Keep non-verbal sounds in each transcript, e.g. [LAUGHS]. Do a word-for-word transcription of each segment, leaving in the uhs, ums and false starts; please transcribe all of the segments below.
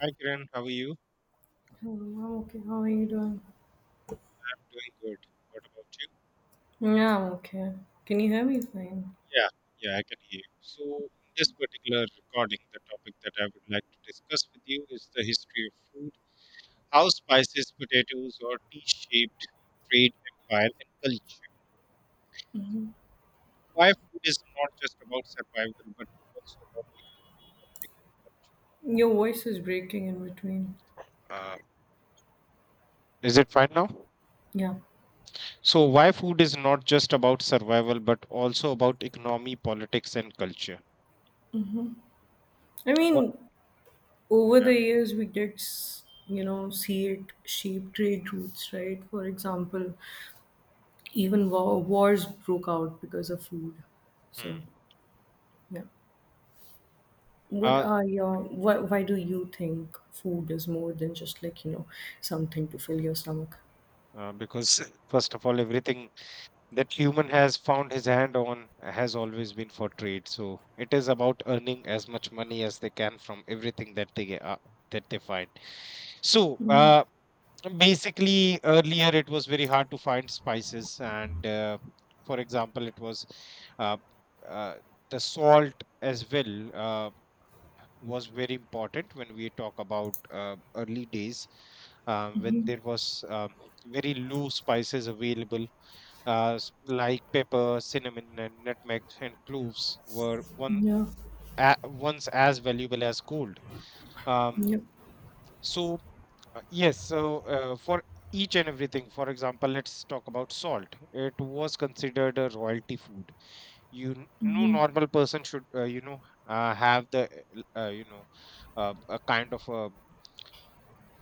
Hi Kiran, how are you? Hello, I'm okay. How are you doing? I'm doing good. What about you? Yeah, I'm okay. Can you hear me fine? Yeah, yeah, I can hear you. So, in this particular recording, the topic that I would like to discuss with you is the history of food, how spices, potatoes, or tea-shaped trade empire and culture. Why food is not just about survival, but also about economic Your voice is breaking in between. culture. Uh, is it fine now? Yeah. So, why food is not just about survival, but also about economy, politics, and culture? I What? mean, over Yeah. the years, we did, s- you know, see it shape trade routes, right? For example, even war, wars broke out because of food. Hmm. So, yeah. What Uh, are your, why, why do you think food is more than just like, you know, something to fill your stomach? uh, because first of all everything that human has found his hand on has always been for trade, so it is about earning as much money as they can from everything that they get- uh, that they find. So uh, basically earlier it was very hard to find spices, and uh, for example it was uh, uh, the salt as well. Uh, was very important when we talk about uh, early days, uh, when there was um, very low spices available, uh, s- like pepper, cinnamon and nutmeg and cloves were one Yeah. a- once as valuable as gold. um, Yep. so uh, yes, so uh, for each and everything, for example let's talk about salt. It was considered a royalty food. You n- no normal person should uh, you know, uh, have the uh, l- uh, you know, uh, a kind of,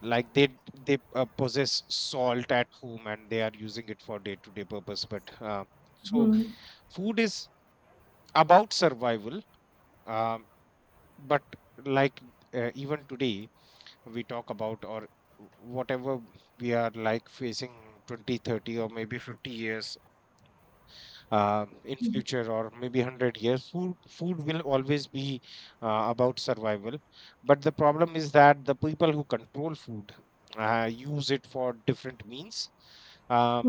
like they d- they uh, possess salt at home and they are using it for day to day purpose. But uh, so food is about survival. um, but like uh, even today, we talk about, or whatever we are like facing twenty, thirty, or maybe fifty years uh, in future, or maybe one hundred years, food food will always be uh, about survival. But the problem is that the people who control food uh, use it for different means. Um,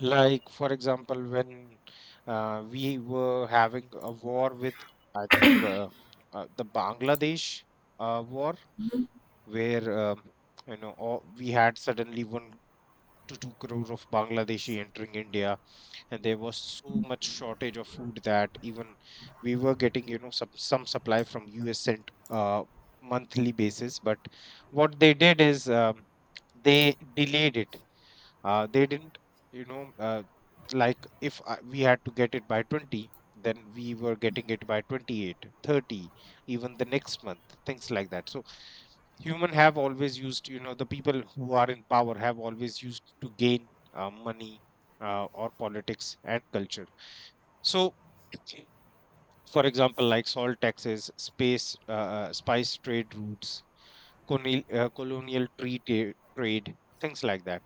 like for example when uh, we were having a war with, I think uh, uh, the Bangladesh uh, war, where um, you know, all, we had suddenly one to two crore of Bangladeshi entering India, and there was so much shortage of food that even we were getting, you know, some, some supply from US sent uh, monthly basis. But what they did is, um, they delayed it. Uh, they didn't, you know, uh, like if I, we had to get it by twenty, then we were getting it by twenty-eight, thirty, even the next month, things like that. So human have always used, you know, the people who are in power have always used to gain uh, money, uh, or politics and culture. So for example, like salt taxes, space, uh, uh, spice trade routes, colonial, uh, colonial tree ta- trade, things like that.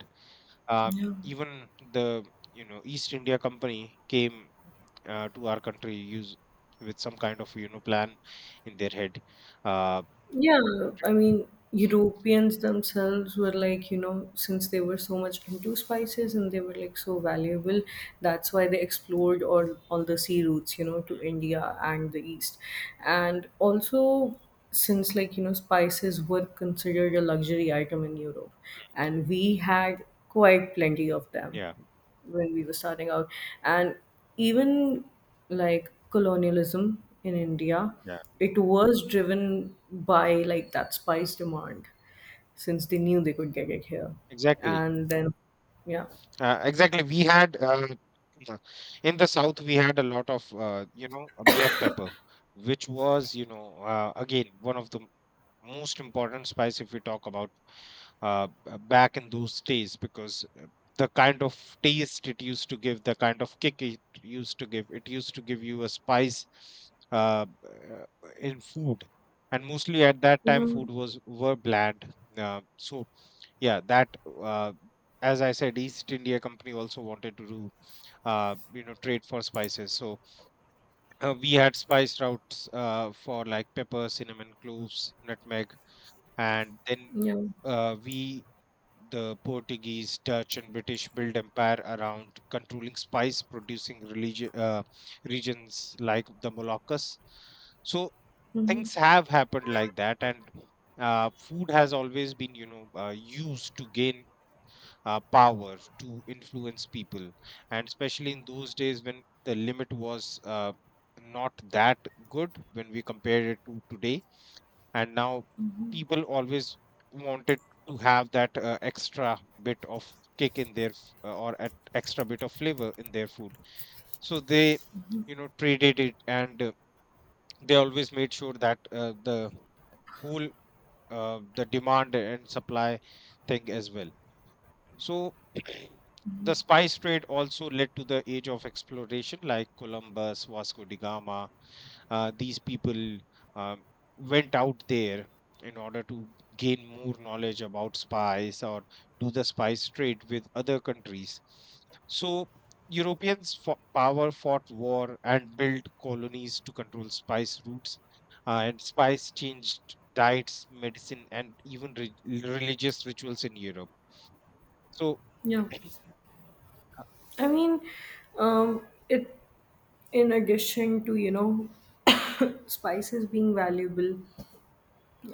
uh, Yeah. Even the, you know, East India Company came uh, to our country use with some kind of, you know, plan in their head. Uh, Yeah, I mean, Europeans themselves were like, you know, since they were so much into spices and they were like so valuable, that's why they explored all, all the sea routes, you know, to India and the East. And also, since like, you know, spices were considered a luxury item in Europe, and we had quite plenty of them yeah, when we were starting out, and even like colonialism in India, yeah, it was driven by like that spice demand, since they knew they could get it here. exactly, And then, yeah. uh, exactly. We had uh, uh, in the south, we had a lot of, uh, you know, uh, black pepper, which was, you know, uh, again one of the most important spice if we talk about, uh, b- back in those days, because uh, the kind of taste it used to give, the kind of kick it used to give, it used to give you a spice uh, uh, in food. And mostly at that time, Mhm. food was were bland. Uh, so yeah, that uh, as I said, East India Company also wanted to do, uh, you know, trade for spices. So uh, we had spice routes uh, for like pepper, cinnamon, cloves, nutmeg, and then Yeah. uh, we the Portuguese, Dutch, and British built empire around controlling spice producing religion uh, regions like the Moluccas. So Hmm. things have happened like that, and uh, food has always been, you know, uh, used to gain uh, power to influence people, and especially in those days when the limit was uh, not that good when we compare it to today. And now people always wanted to have that uh, extra bit of kick in their f- uh, or at extra bit of flavor in their food. So they, you know, traded it, and uh, they always made sure that uh, the whole uh, the demand and supply thing as well. So [CLEARS THROAT] the spice trade also led to the age of exploration, like Columbus, Vasco da Gama, uh, these people um, went out there in order to gain more knowledge about spice, or do the spice trade with other countries. So Europeans fo- power fought war and built colonies to control spice routes, uh, and spice changed diets, medicine, and even re- religious rituals in Europe. So, Yeah. [CLEARS THROAT] I mean, um it in addition to, you know [COUGHS] spices being valuable,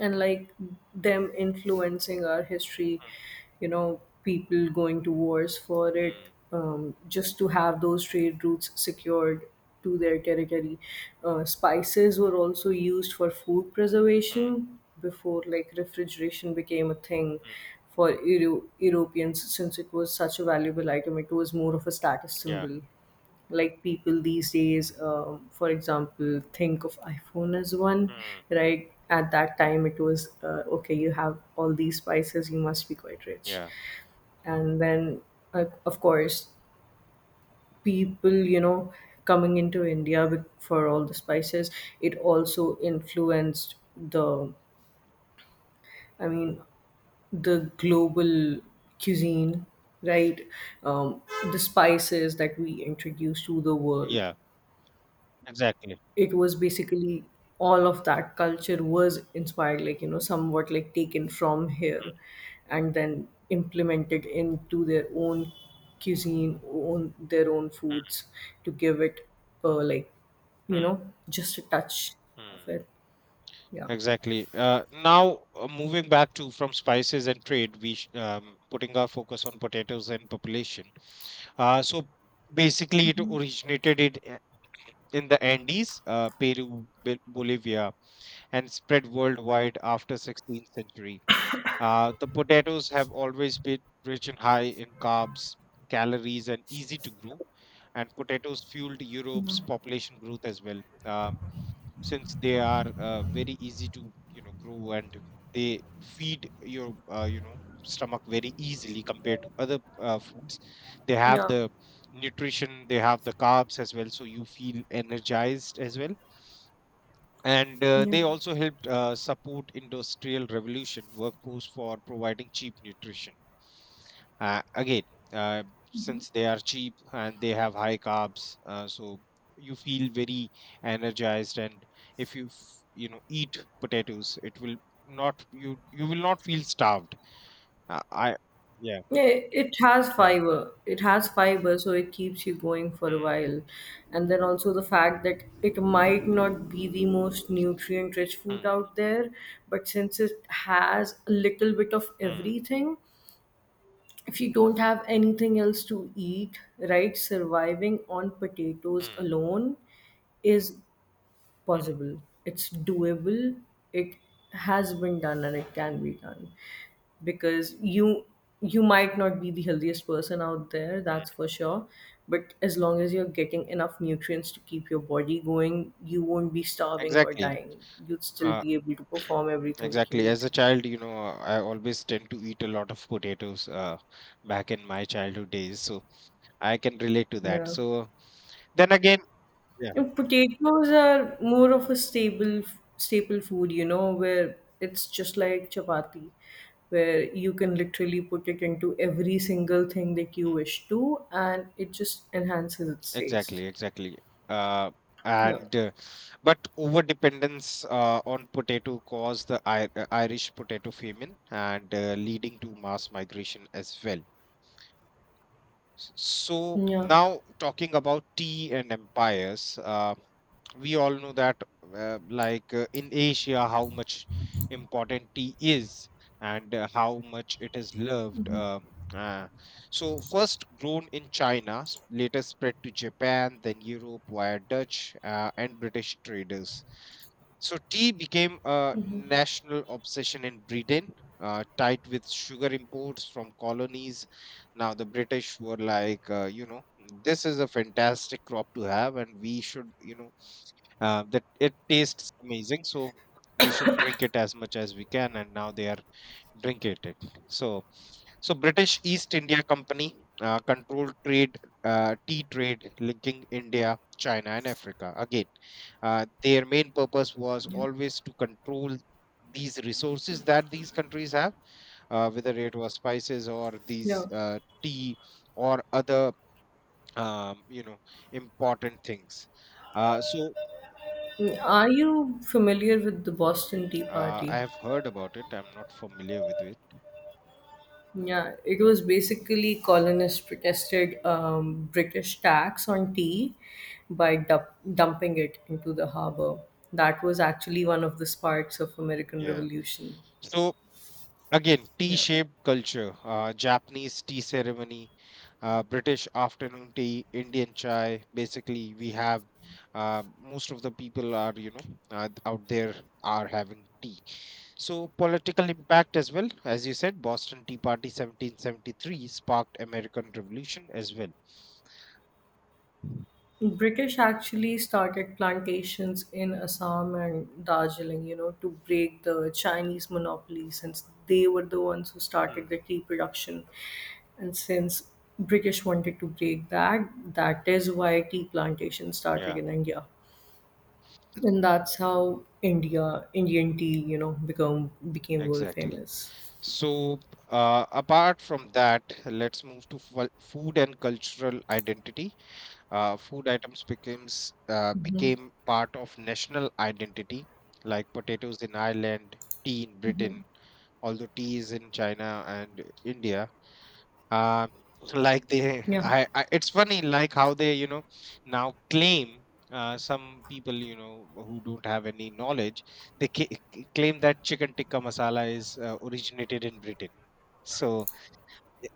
and like them influencing our history, you know people going to wars for it, mm, um, just to have those trade routes secured to their territory. Uh, spices were also used for food mm, preservation before like refrigeration became a thing. mm, mm, For Euro- europeans, since it was such a valuable item, it was more of a status yeah, symbol, like people these days, um, for example, think of iPhone as one. mm, Right, at that time it was, uh, okay, you have all these spices, you must be quite rich. yeah, And then, uh, of course, people, you know coming into India with- for all the spices, it also influenced the I mean, the global cuisine, right? um, the spices that we introduce to the world, yeah, exactly. it was basically all of that culture was inspired like, you know somewhat like taken from here, and then implemented into their own cuisine, own their own foods, to give it, uh, like, you Mm, know just a touch of mm. it. Yeah. Exactly. Uh, now, uh, moving back to from spices and trade, we sh- um, putting our focus on potatoes and population. Uh, so basically, it originated it i- in the Andes, uh, Peru, Bol- Bolivia, and spread worldwide after sixteenth century. Uh, the potatoes have always been rich and high in carbs, calories, and easy to grow. And potatoes fueled Europe's population growth as well. Um, since they are uh, very easy to, you know, grow, and they feed your, uh, you know, stomach very easily compared to other uh, foods. They have Yeah. the nutrition, they have the carbs as well, so you feel energized as well. And uh, Yeah. they also helped uh, support industrial revolution workforce for providing cheap nutrition. Uh, again, uh, since they are cheap and they have high carbs, uh, so you feel very energized. And if you f- you know, eat potatoes, it will not you you will not feel starved. Uh, I yeah Yeah, it has yeah fiber. It has fiber, so it keeps you going for a Hmm, while. And then also, the fact that it might not be the most nutrient rich food hmm, out there, but since it has a little bit of hmm, everything, if you don't have anything else to eat, right, surviving on potatoes hmm, alone is possible. It's doable. It has been done and it can be done, because you you might not be the healthiest person out there, hmm. that's for sure. But as long as you're getting enough nutrients to keep your body going, you won't be starving or Exactly. dying. You'd still Uh, be able to [CLEARS THROAT] perform everything that you Exactly. need As to a do. child, you know, I always tend to eat a lot of potatoes uh, back in my childhood days. So I can relate to that. Yeah. So then again, yeah. And potatoes are more of a stable staple food, you know where it's just like chapati, where you can literally put it into every single thing that you wish to, and it just enhances its taste. Exactly, exactly. Uh, Yeah. and uh, But over dependence uh, on potato caused the I- uh, Irish potato famine, and uh, leading to mass migration as well. S- So Yeah. now talking about tea and empires, uh, we all know that uh, like uh, in Asia, how much important tea is, and uh, how much it is loved. Uh, uh, so first grown in China, s- later spread to Japan, then Europe via Dutch uh, and British traders. So tea became a national obsession in Britain, uh, tied with sugar imports from colonies. Now the British were like, uh, you know, this is a fantastic crop to have, and we should, you know, uh, that it tastes amazing. So we should drink it as much as we can, and now they are drinking it. So so British East India Company uh, controlled trade, uh, tea trade linking India, China, and Africa. Again, uh, their main purpose was Yeah. always to control these resources that these countries have, uh, whether it was spices or these Yeah. uh, tea or other, um, you know, important things. Uh, so Mm, Are you familiar with the Boston Tea uh, Party? I have heard about it. I'm not familiar with it. Yeah, it was basically colonists protested um, British tax on tea by dump- dumping it into the harbor. That was actually one of the sparks of American Yeah. Revolution. So again, Yeah. tea-shaped culture, uh, Japanese tea ceremony, uh, British afternoon tea, Indian chai. Basically, we have uh, most of the people are, you know, uh, out there are having tea. So, political impact as well. As you said, Boston Tea Party seventeen seventy-three sparked American Revolution as well. British actually started plantations in Assam and Darjeeling, you know, to break the Chinese monopoly, since they were the ones who started Hmm. the tea production. And since British wanted to break that, that is why tea plantation started Yeah, in India. And that's how India Indian tea, you know, become became world exactly. famous. So, uh, apart from that, let's move to fu- food and cultural identity. Uh, food items becomes uh, became part of national identity, like potatoes in Ireland, tea in Britain, although tea is in China and India. uh, [LAUGHS] like they Yeah. I, I, it's funny like how they, you know, now claim, uh, some people, you know, who don't have any knowledge, they ca- claim that chicken tikka masala is uh, originated in Britain. so y-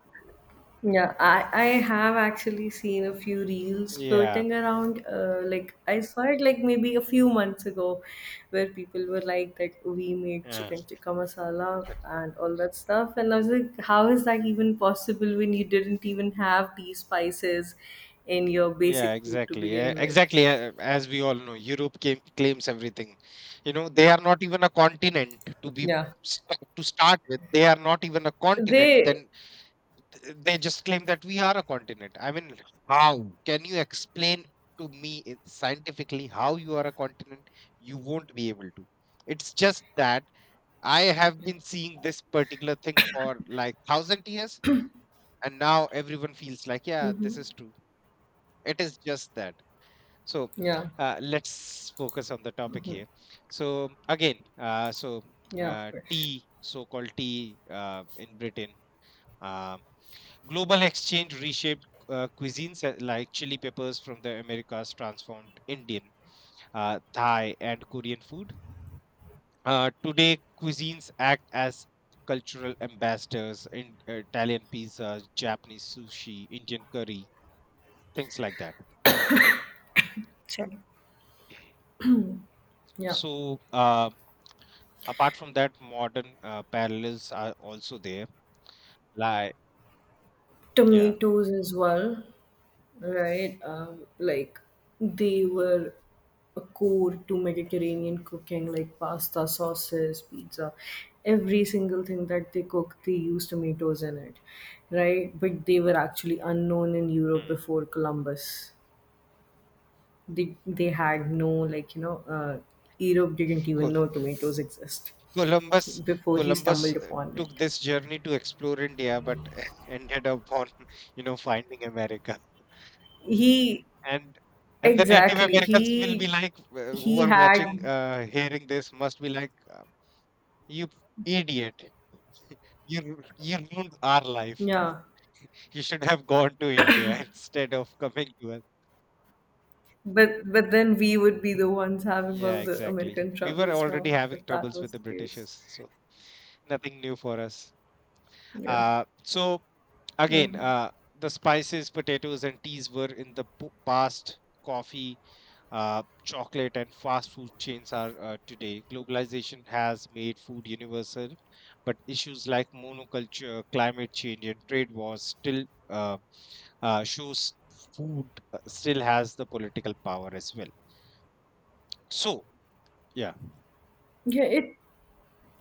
Yeah, I, I have actually seen a few reels yeah floating around. Uh, like, I saw it like maybe a few months ago, where people were like that we made yeah chicken tikka masala and all that stuff, and I was like, how is that even possible when you didn't even have these spices in your Yeah, basic food to exactly. eh, begin with? Exactly. eh, As we all know, Europe came, claims everything. You know, they are not even a continent to be Yeah, s- to start with. They are not even a continent. they. Then th- they just claim that we are a continent. I mean, how can you explain to me in- scientifically how you are a continent? You won't be able to. It's just that I have been seeing this particular thing for like thousand years, and now everyone feels like, yeah, this Mm-hmm. is true. It is just that. So Yeah, uh, let's focus on the topic here. So again, uh, so yeah, of uh, course. tea, so-called tea uh, in Britain, uh, global exchange reshaped uh, cuisines, uh, like chili peppers from the Americas transformed Indian, uh, Thai, and Korean food. Uh, today, cuisines act as cultural ambassadors in uh, Italian pizza, Japanese sushi, Indian curry, things like that. Chalo. Yeah, So, um, apart from that, modern uh, parallels are also there. Like, yeah. tomatoes as well. Right? Um, like, they were a core to Mediterranean cooking, like pasta, sauces, pizza, every single thing that they cook, they used tomatoes in it, right? But they were actually unknown in Europe Hmm. before Columbus. They they had, no, like, you know, uh, Europe didn't even Col- know tomatoes exist Columbus before he Columbus stumbled uh, upon it. took this journey to explore India, but [LAUGHS] ended up on [LAUGHS] you know, finding America. He And and the Native Exactly, Americans will be he like, uh, who he are had. watching, uh, hearing this, must be like, uh, you idiot, [LAUGHS] you ru- you ruined our life. Yeah. [LAUGHS] You should have gone to India [LAUGHS] instead of coming to us. But but then we would be the ones having all Yeah, the exactly. American We were troubles already now, having if that troubles was with the the case. Britishers, so nothing new for us. Yeah. Uh, so again, Hmm. uh, the spices, potatoes, and teas were in the p- past. Coffee, uh, chocolate, and fast food chains are uh, today. Globalization has made food universal, but issues like monoculture, climate change, and trade wars still uh, uh, shows food uh, still has the political power as well. So, yeah. Yeah, it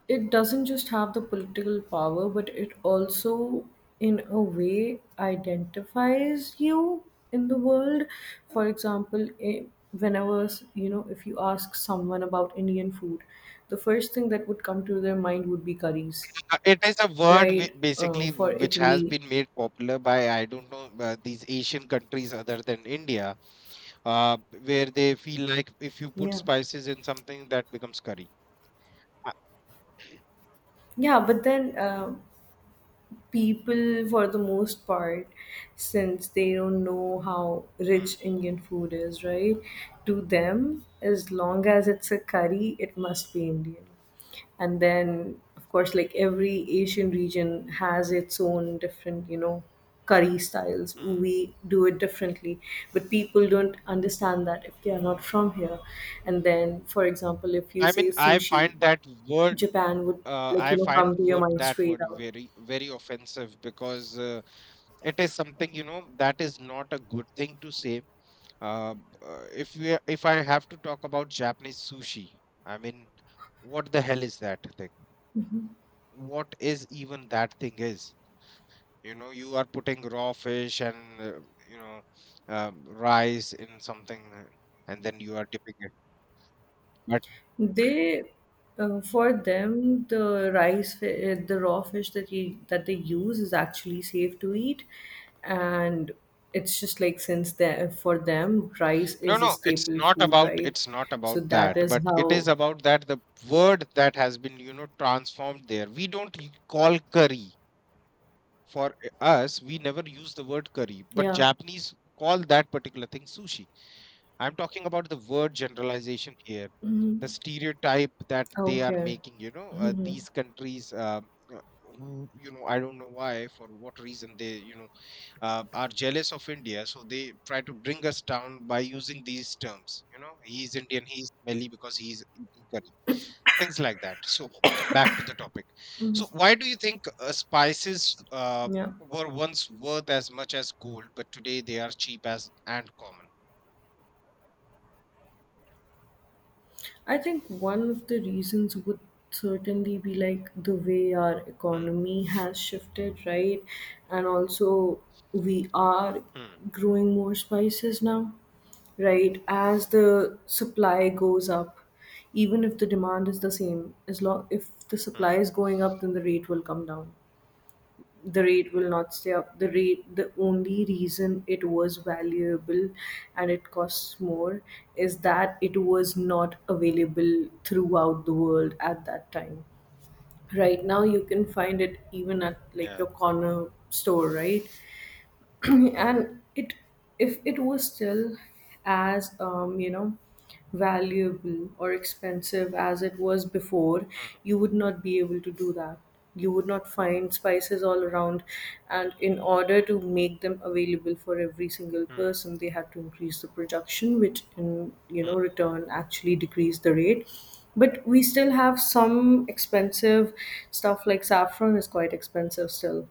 it doesn't just have the political power, but it also, in a way, identifies you in the world. For example, i- whenever s- you know, if you ask someone about Indian food, the first thing that would come to their mind would be curries, Uh, it is a word whi- right? Uh, basically For which has Italy, been made popular by I don't know uh, these Asian countries other than India, uh, where they feel like if you put yeah, spices in something that becomes curry. Uh, yeah. But then, um people for the most part, since they don't know how rich mm, Indian food is, right, to them, as long as it's a curry, it must be Indian. And then, of course, like every Asian region has its own different, you know curry styles, mm. we do it differently. But people don't understand that if they are not from here. And then, for example, if you I say mean, I sushi, find that word. Japan would Uh, like, I you know come find to your word, mind that straight word out. very, very offensive because uh, it is something you know that is not a good thing to say. Uh, b- uh, if we, if I have to talk about Japanese sushi, I mean, what the hell is that thing? What is even that thing is, you know, you are putting raw fish and, uh, you know, um, rice in something, uh, and then you are dipping it, but They, uh, for them, the rice, fi- uh, the raw fish that you that they use is actually safe to eat, and it's just like, since the for them, rice no, is a no, it's staple not food, about, right? it's not So about that that, is but it is how, about that the word that has been, you know, transformed there. We don't y- call curry. For eh, us, we never use the word curry, but yeah, Japanese call that particular thing sushi. I'm talking about the word generalization here, the stereotype that they are okay, making, you know, uh, these countries. Um, uh, who, you know, I don't know why, for what reason they, you know, uh, are jealous of India, so they try to bring us down by using these terms. You know, he's Indian, he's smelly because he's eating curry, things like that. So, back to the topic. So why do you think uh, spices uh, yeah. were once worth as much as gold, but today they are cheap as and common? I think one of the reasons would certainly be like the way our Hmm, economy has shifted, right? And also, we are hmm, growing more spices now, right? As the supply goes up, even if the demand is the same, as long if the supply hmm. is going up, then the rate will come down. The rate will not stay up. The rate the only reason it was valuable and it costs more is that it was not available throughout the world at that time. Right now you can find it even at like Yeah. your corner store, right? [CLEARS THROAT] And it if it was still as, um, you know valuable or expensive as it was before, you would not be able to do that. You would not find spices all around. And in order to make them available for every single Mm, mm, person, they had to increase the production, which in you know mm. return actually decreased the rate. But we still have some expensive stuff, like saffron is quite expensive still.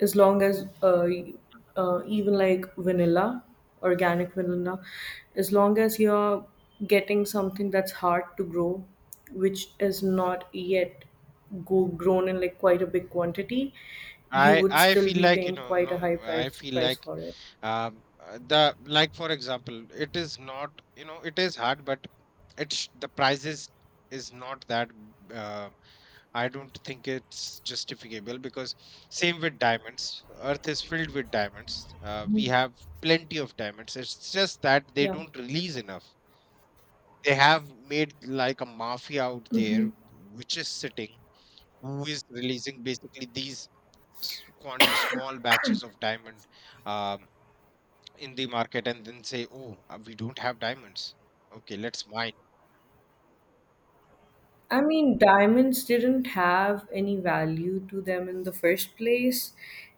As long as uh, uh, even like vanilla, organic vanilla, as long as you're getting something that's hard to grow, which is not yet go grown in like quite a big quantity, you I would I still feel be like, you paying know, quite a no, high I price feel price like, for it. um uh, the, like, for example, it is not, you know, it is hard, but it's the prices is not that, uh, I don't think it's justifiable, because same with diamonds, earth is filled with diamonds. Uh, we have plenty of diamonds. It's just that they Yeah. don't release enough. They have made like a mafia out there which is sitting, who is releasing basically these s- quant- small batches of diamond um, in the market and then say, oh, uh, we don't have diamonds. Okay, let's mine. I mean, diamonds didn't have any value to them in the first place.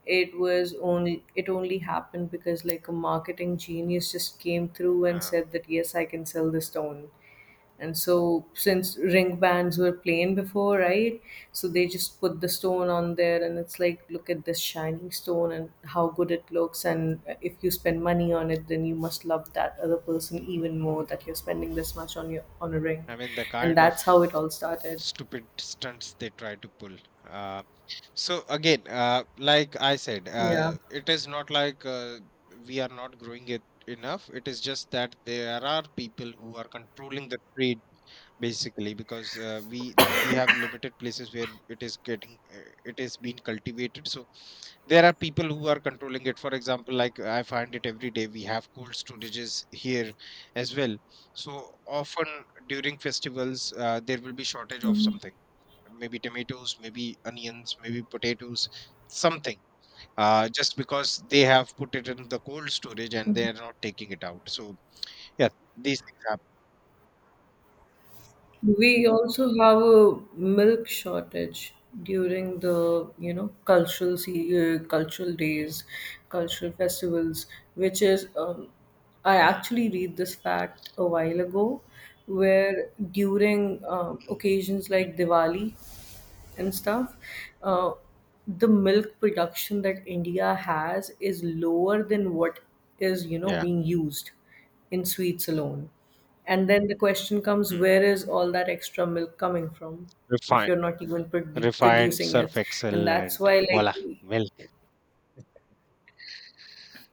It was only it only happened because like a marketing genius just came through and Uh, said that, yes, I can sell the stone. And so, since ring bands were plain before, right? So they just put the stone on there, and it's like, look at this shining stone and how good it looks. And if you spend money on it, then you must love that other person even more that you're spending this much on your on a ring, I mean, the and kind of that's how it all started. stupid stunts they try to pull. Uh, so again, uh, like I said, Yeah. uh, it is not like uh, we are not growing it enough. It is just that there are people who are controlling the trade basically because uh, we we have limited places where it is getting uh, it is being cultivated. So there are people who are controlling it. For example, like, I find it every day, we have cold storages here as well. So often during festivals uh, there will be shortage of something, maybe tomatoes, maybe onions, maybe potatoes, something, uh, just because they have put it in the cold storage and they are not taking it out. So yeah, these things happen. We also have a milk shortage during the you know cultural se- uh, cultural days, cultural festivals, which is, um, I Hmm. actually read this fact a while ago, where during um, Mm. occasions Mm. like Diwali, and stuff, uh, the milk production that India has is lower than what is, you know, Yeah. being used in sweets alone. And then the question comes, Mm. where is all that extra milk coming from if Refined, you're not even produ- refined producing surf it? And excel, that's why, and like, voila, milk.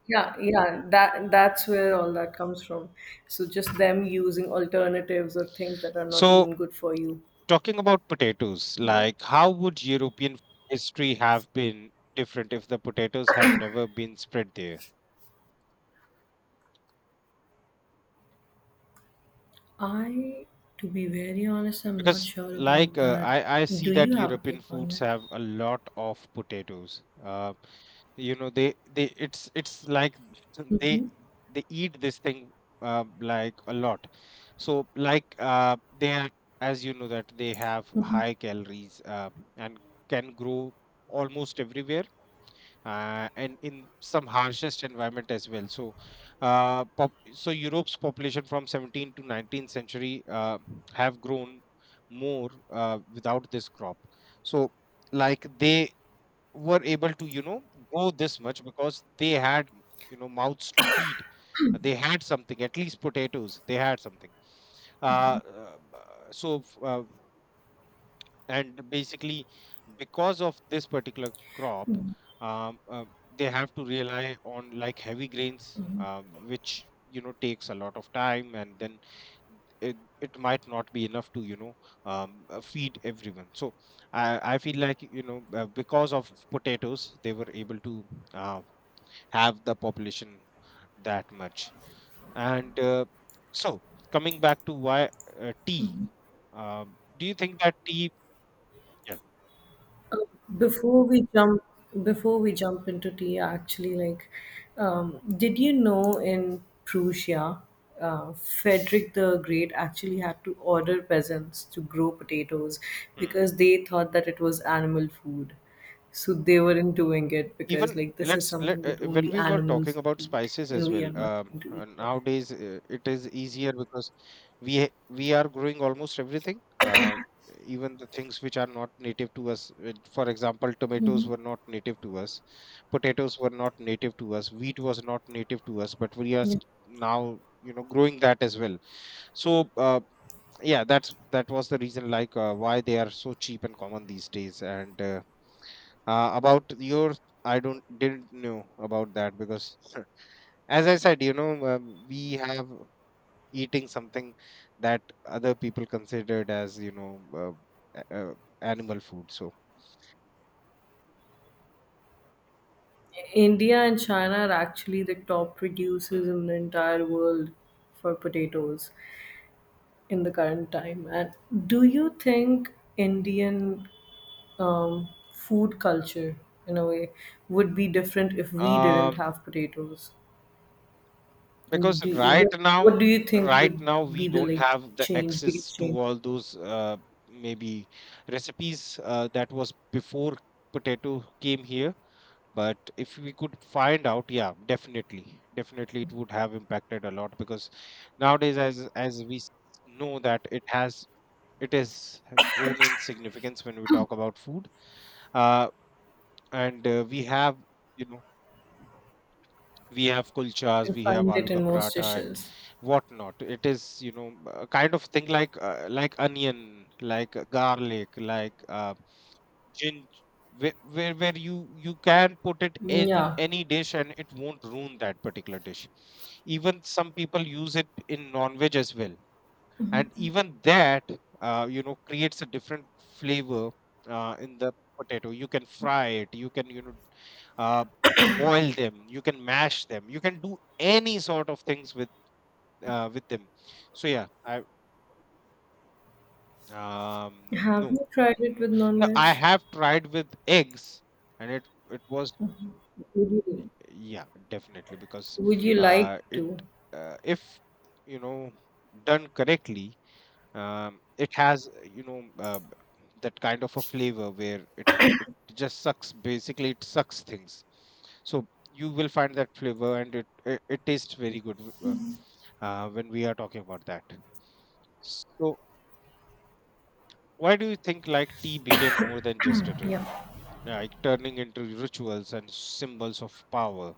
yeah, yeah, that that's where all that comes from. So just them using Hmm. alternatives or things that are not So, even good for you. talking about potatoes, Yeah. like, how would European history have been different if the potatoes have never been spread there? I, to be very honest, I'm not Because, sure like, about uh, that. I I Do see you that have a European take on foods it? have a lot of potatoes. Uh, you know, they they it's it's like [CLEARS THROAT] [LAUGHS] they Mhm, they eat this thing uh, like, a lot. So like uh, they are, as you know, that they have mhm. high calories uh, and can grow almost everywhere uh, and in some harshest environment as well. So, uh, pop, so Europe's population from seventeenth to nineteenth century uh, have grown more uh, without this crop. So, like, they were able to, you know, grow this much because they had, you know, mouths to feed. Uh, They had something, at least potatoes. They had something. Uh, uh, b- so, f- uh, and basically because of this particular crop, um, um, they have to rely on like heavy grains uh, which, you know, takes a lot of time, and then it, it might not be enough to, you know, um, uh, feed everyone. So I, I feel like, you know, uh, because of potatoes they were able to uh, have the population that much. And uh, so coming back to why uh, tea, uh, do you think that tea, yeah. Uh, Before we jump, before we jump into tea, actually, like, um, did you know in Prussia, uh, Frederick the Great actually had to order peasants to grow potatoes Hmm. because they thought that it was animal food. So they weren't doing it because, even like, this is let's let, something uh, that when only we were talking animals about eat, spices as and we well, are not um, going to uh, eat nowadays uh, it is easier because we ha- we are growing almost everything, uh, even the things which are not native to us, uh, for example, tomatoes were not native to us, potatoes were not native to us, wheat was not native to us, but we are it. st- now, you know, growing that as well. So uh, yeah, that's, that was the reason, like, uh, why they are so cheap and common these days. And uh, uh, about your, I don't, didn't know about that because [LAUGHS] as I said, you know, um, we have eating something that other people considered as, you know, uh, a- animal food. So India and China are actually the top producers hmm. in the entire world for potatoes in the current time. And do you think Indian um, food culture, in a way, would be different if we didn't have potatoes? Because Do you, right what, now, what do you think right would now, be we the don't like have the change, access biggest to change? all those uh, maybe recipes uh, that was before potato came here. But if we could find out, yeah, definitely, definitely it would have impacted a lot, because nowadays, as as we s- know, that it has, it has grown in significance when we talk about food. Uh, and uh, we have, you know, we have kulchas, You can we have find it aloo in ka most paratha, and dishes. whatnot. It is, you know, a kind of thing like uh, like onion, like uh, garlic, like uh, ginger, where, where where you you can put it in, in Yeah. any dish and it won't ruin that particular dish. Even some people use it in non-veg as well, and even that uh, you know, creates a different flavor uh, in the potato. You can fry it, you can, you know, uh, boil them, you can mash them, you can do any sort of things with, uh, with them. So yeah I um Have no. you tried it Mm, with no, non-veg? I have tried with eggs and it it was, Would you, yeah, definitely because would you like uh it to? uh, if, you know, done correctly. Um, it has, uh, you know, uh, that kind of a flavor where it it just sucks. Basically, it sucks things. So you will find that flavor, and it it, it tastes very good w- uh, uh, when we are talking about that. So why do you think, like, tea became more than just a drink, Yeah. like turning into rituals and symbols of power?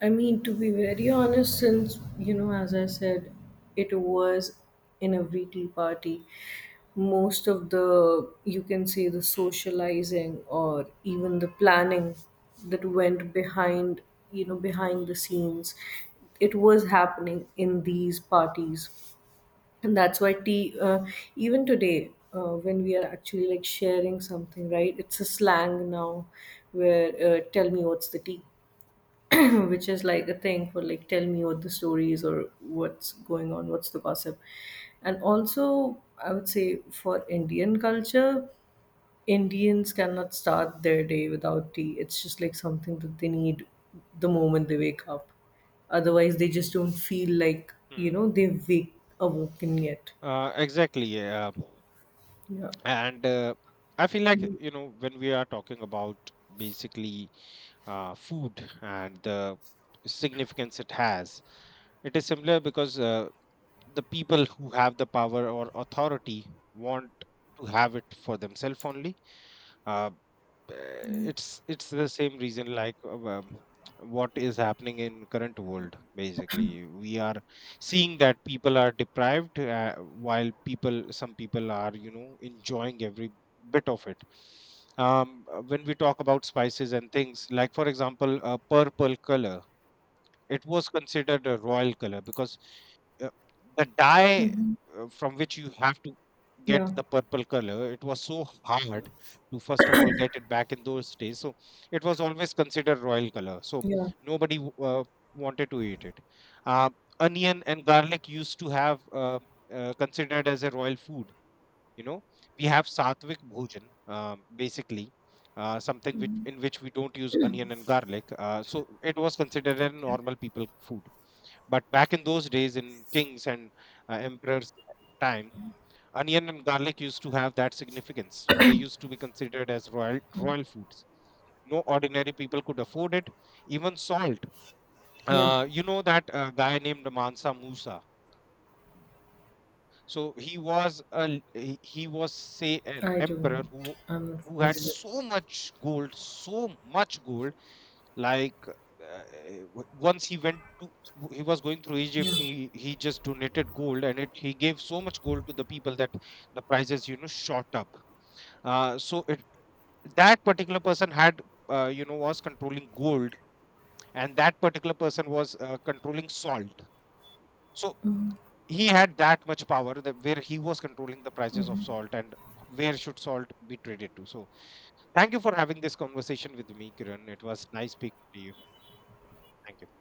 I mean, to be very honest, since, you know, as I said, it was in every tea party, most of the, you can say, the Hmm, socializing or even the planning that went behind, you know, behind the scenes, it was happening in these parties. And that's why tea, uh, even today, uh, when we are actually like sharing something, right? It's a hmm, slang now where, uh, tell me what's the tea, [CLEARS THROAT] which is like a thing for, like, tell me what the story is, or what's going on, what's the gossip. And also, I would say for Indian culture, Indians cannot start their day without tea, it's just like something that they need the moment they wake up, otherwise they just don't feel like, you hmm. know they've wake, awoken yet. Uh, exactly. Yeah. Yeah. And uh, I feel like, you know, when we are talking about basically uh, food and the significance it has, it is similar because uh, the people who have the power or authority want to have it for themselves only. Uh, uh, it's it's the same reason like uh, um, what is happening in current world. Basically, we are seeing that people are deprived, uh, while people, some people are, you know, enjoying every bit of it. um, uh, when we talk about spices and things, like, for example, a purple color, it was considered a royal color because uh, the dye uh, from which you have to get Yeah. the purple color, it was so hard to, first of all, get it back in those days. So it was always considered royal color. So Yeah. nobody w- uh, wanted to eat it. Uh, onion and garlic used to have uh, uh, considered as a royal food. You know, we have satvik bhojan, um, basically uh, something which, in which we don't use onion and garlic, uh, so it was considered a normal people food. But back in those days, in kings and uh, emperors' time, onion and garlic used to have that significance. They used to be considered as royal royal foods. No ordinary people could afford it. Even salt. Yeah. Uh, you know that uh, guy named Mansa Musa. So he was a l- he he was, say, an i emperor don't who I'm not who familiar had with. so much gold, so much gold, like, uh, w- once he went to, w- he was going through Egypt, Yeah, he he just donated gold, and it, he gave so much gold to the people that the prices, you know, shot up. uh, so it, that particular person had, uh, you know, was controlling gold, and that particular person was, uh, controlling salt. So he had that much power that, where he was controlling the prices of salt and where should salt be traded to. So thank you for having this conversation with me, Kiran. It was nice speaking to you. Thank you.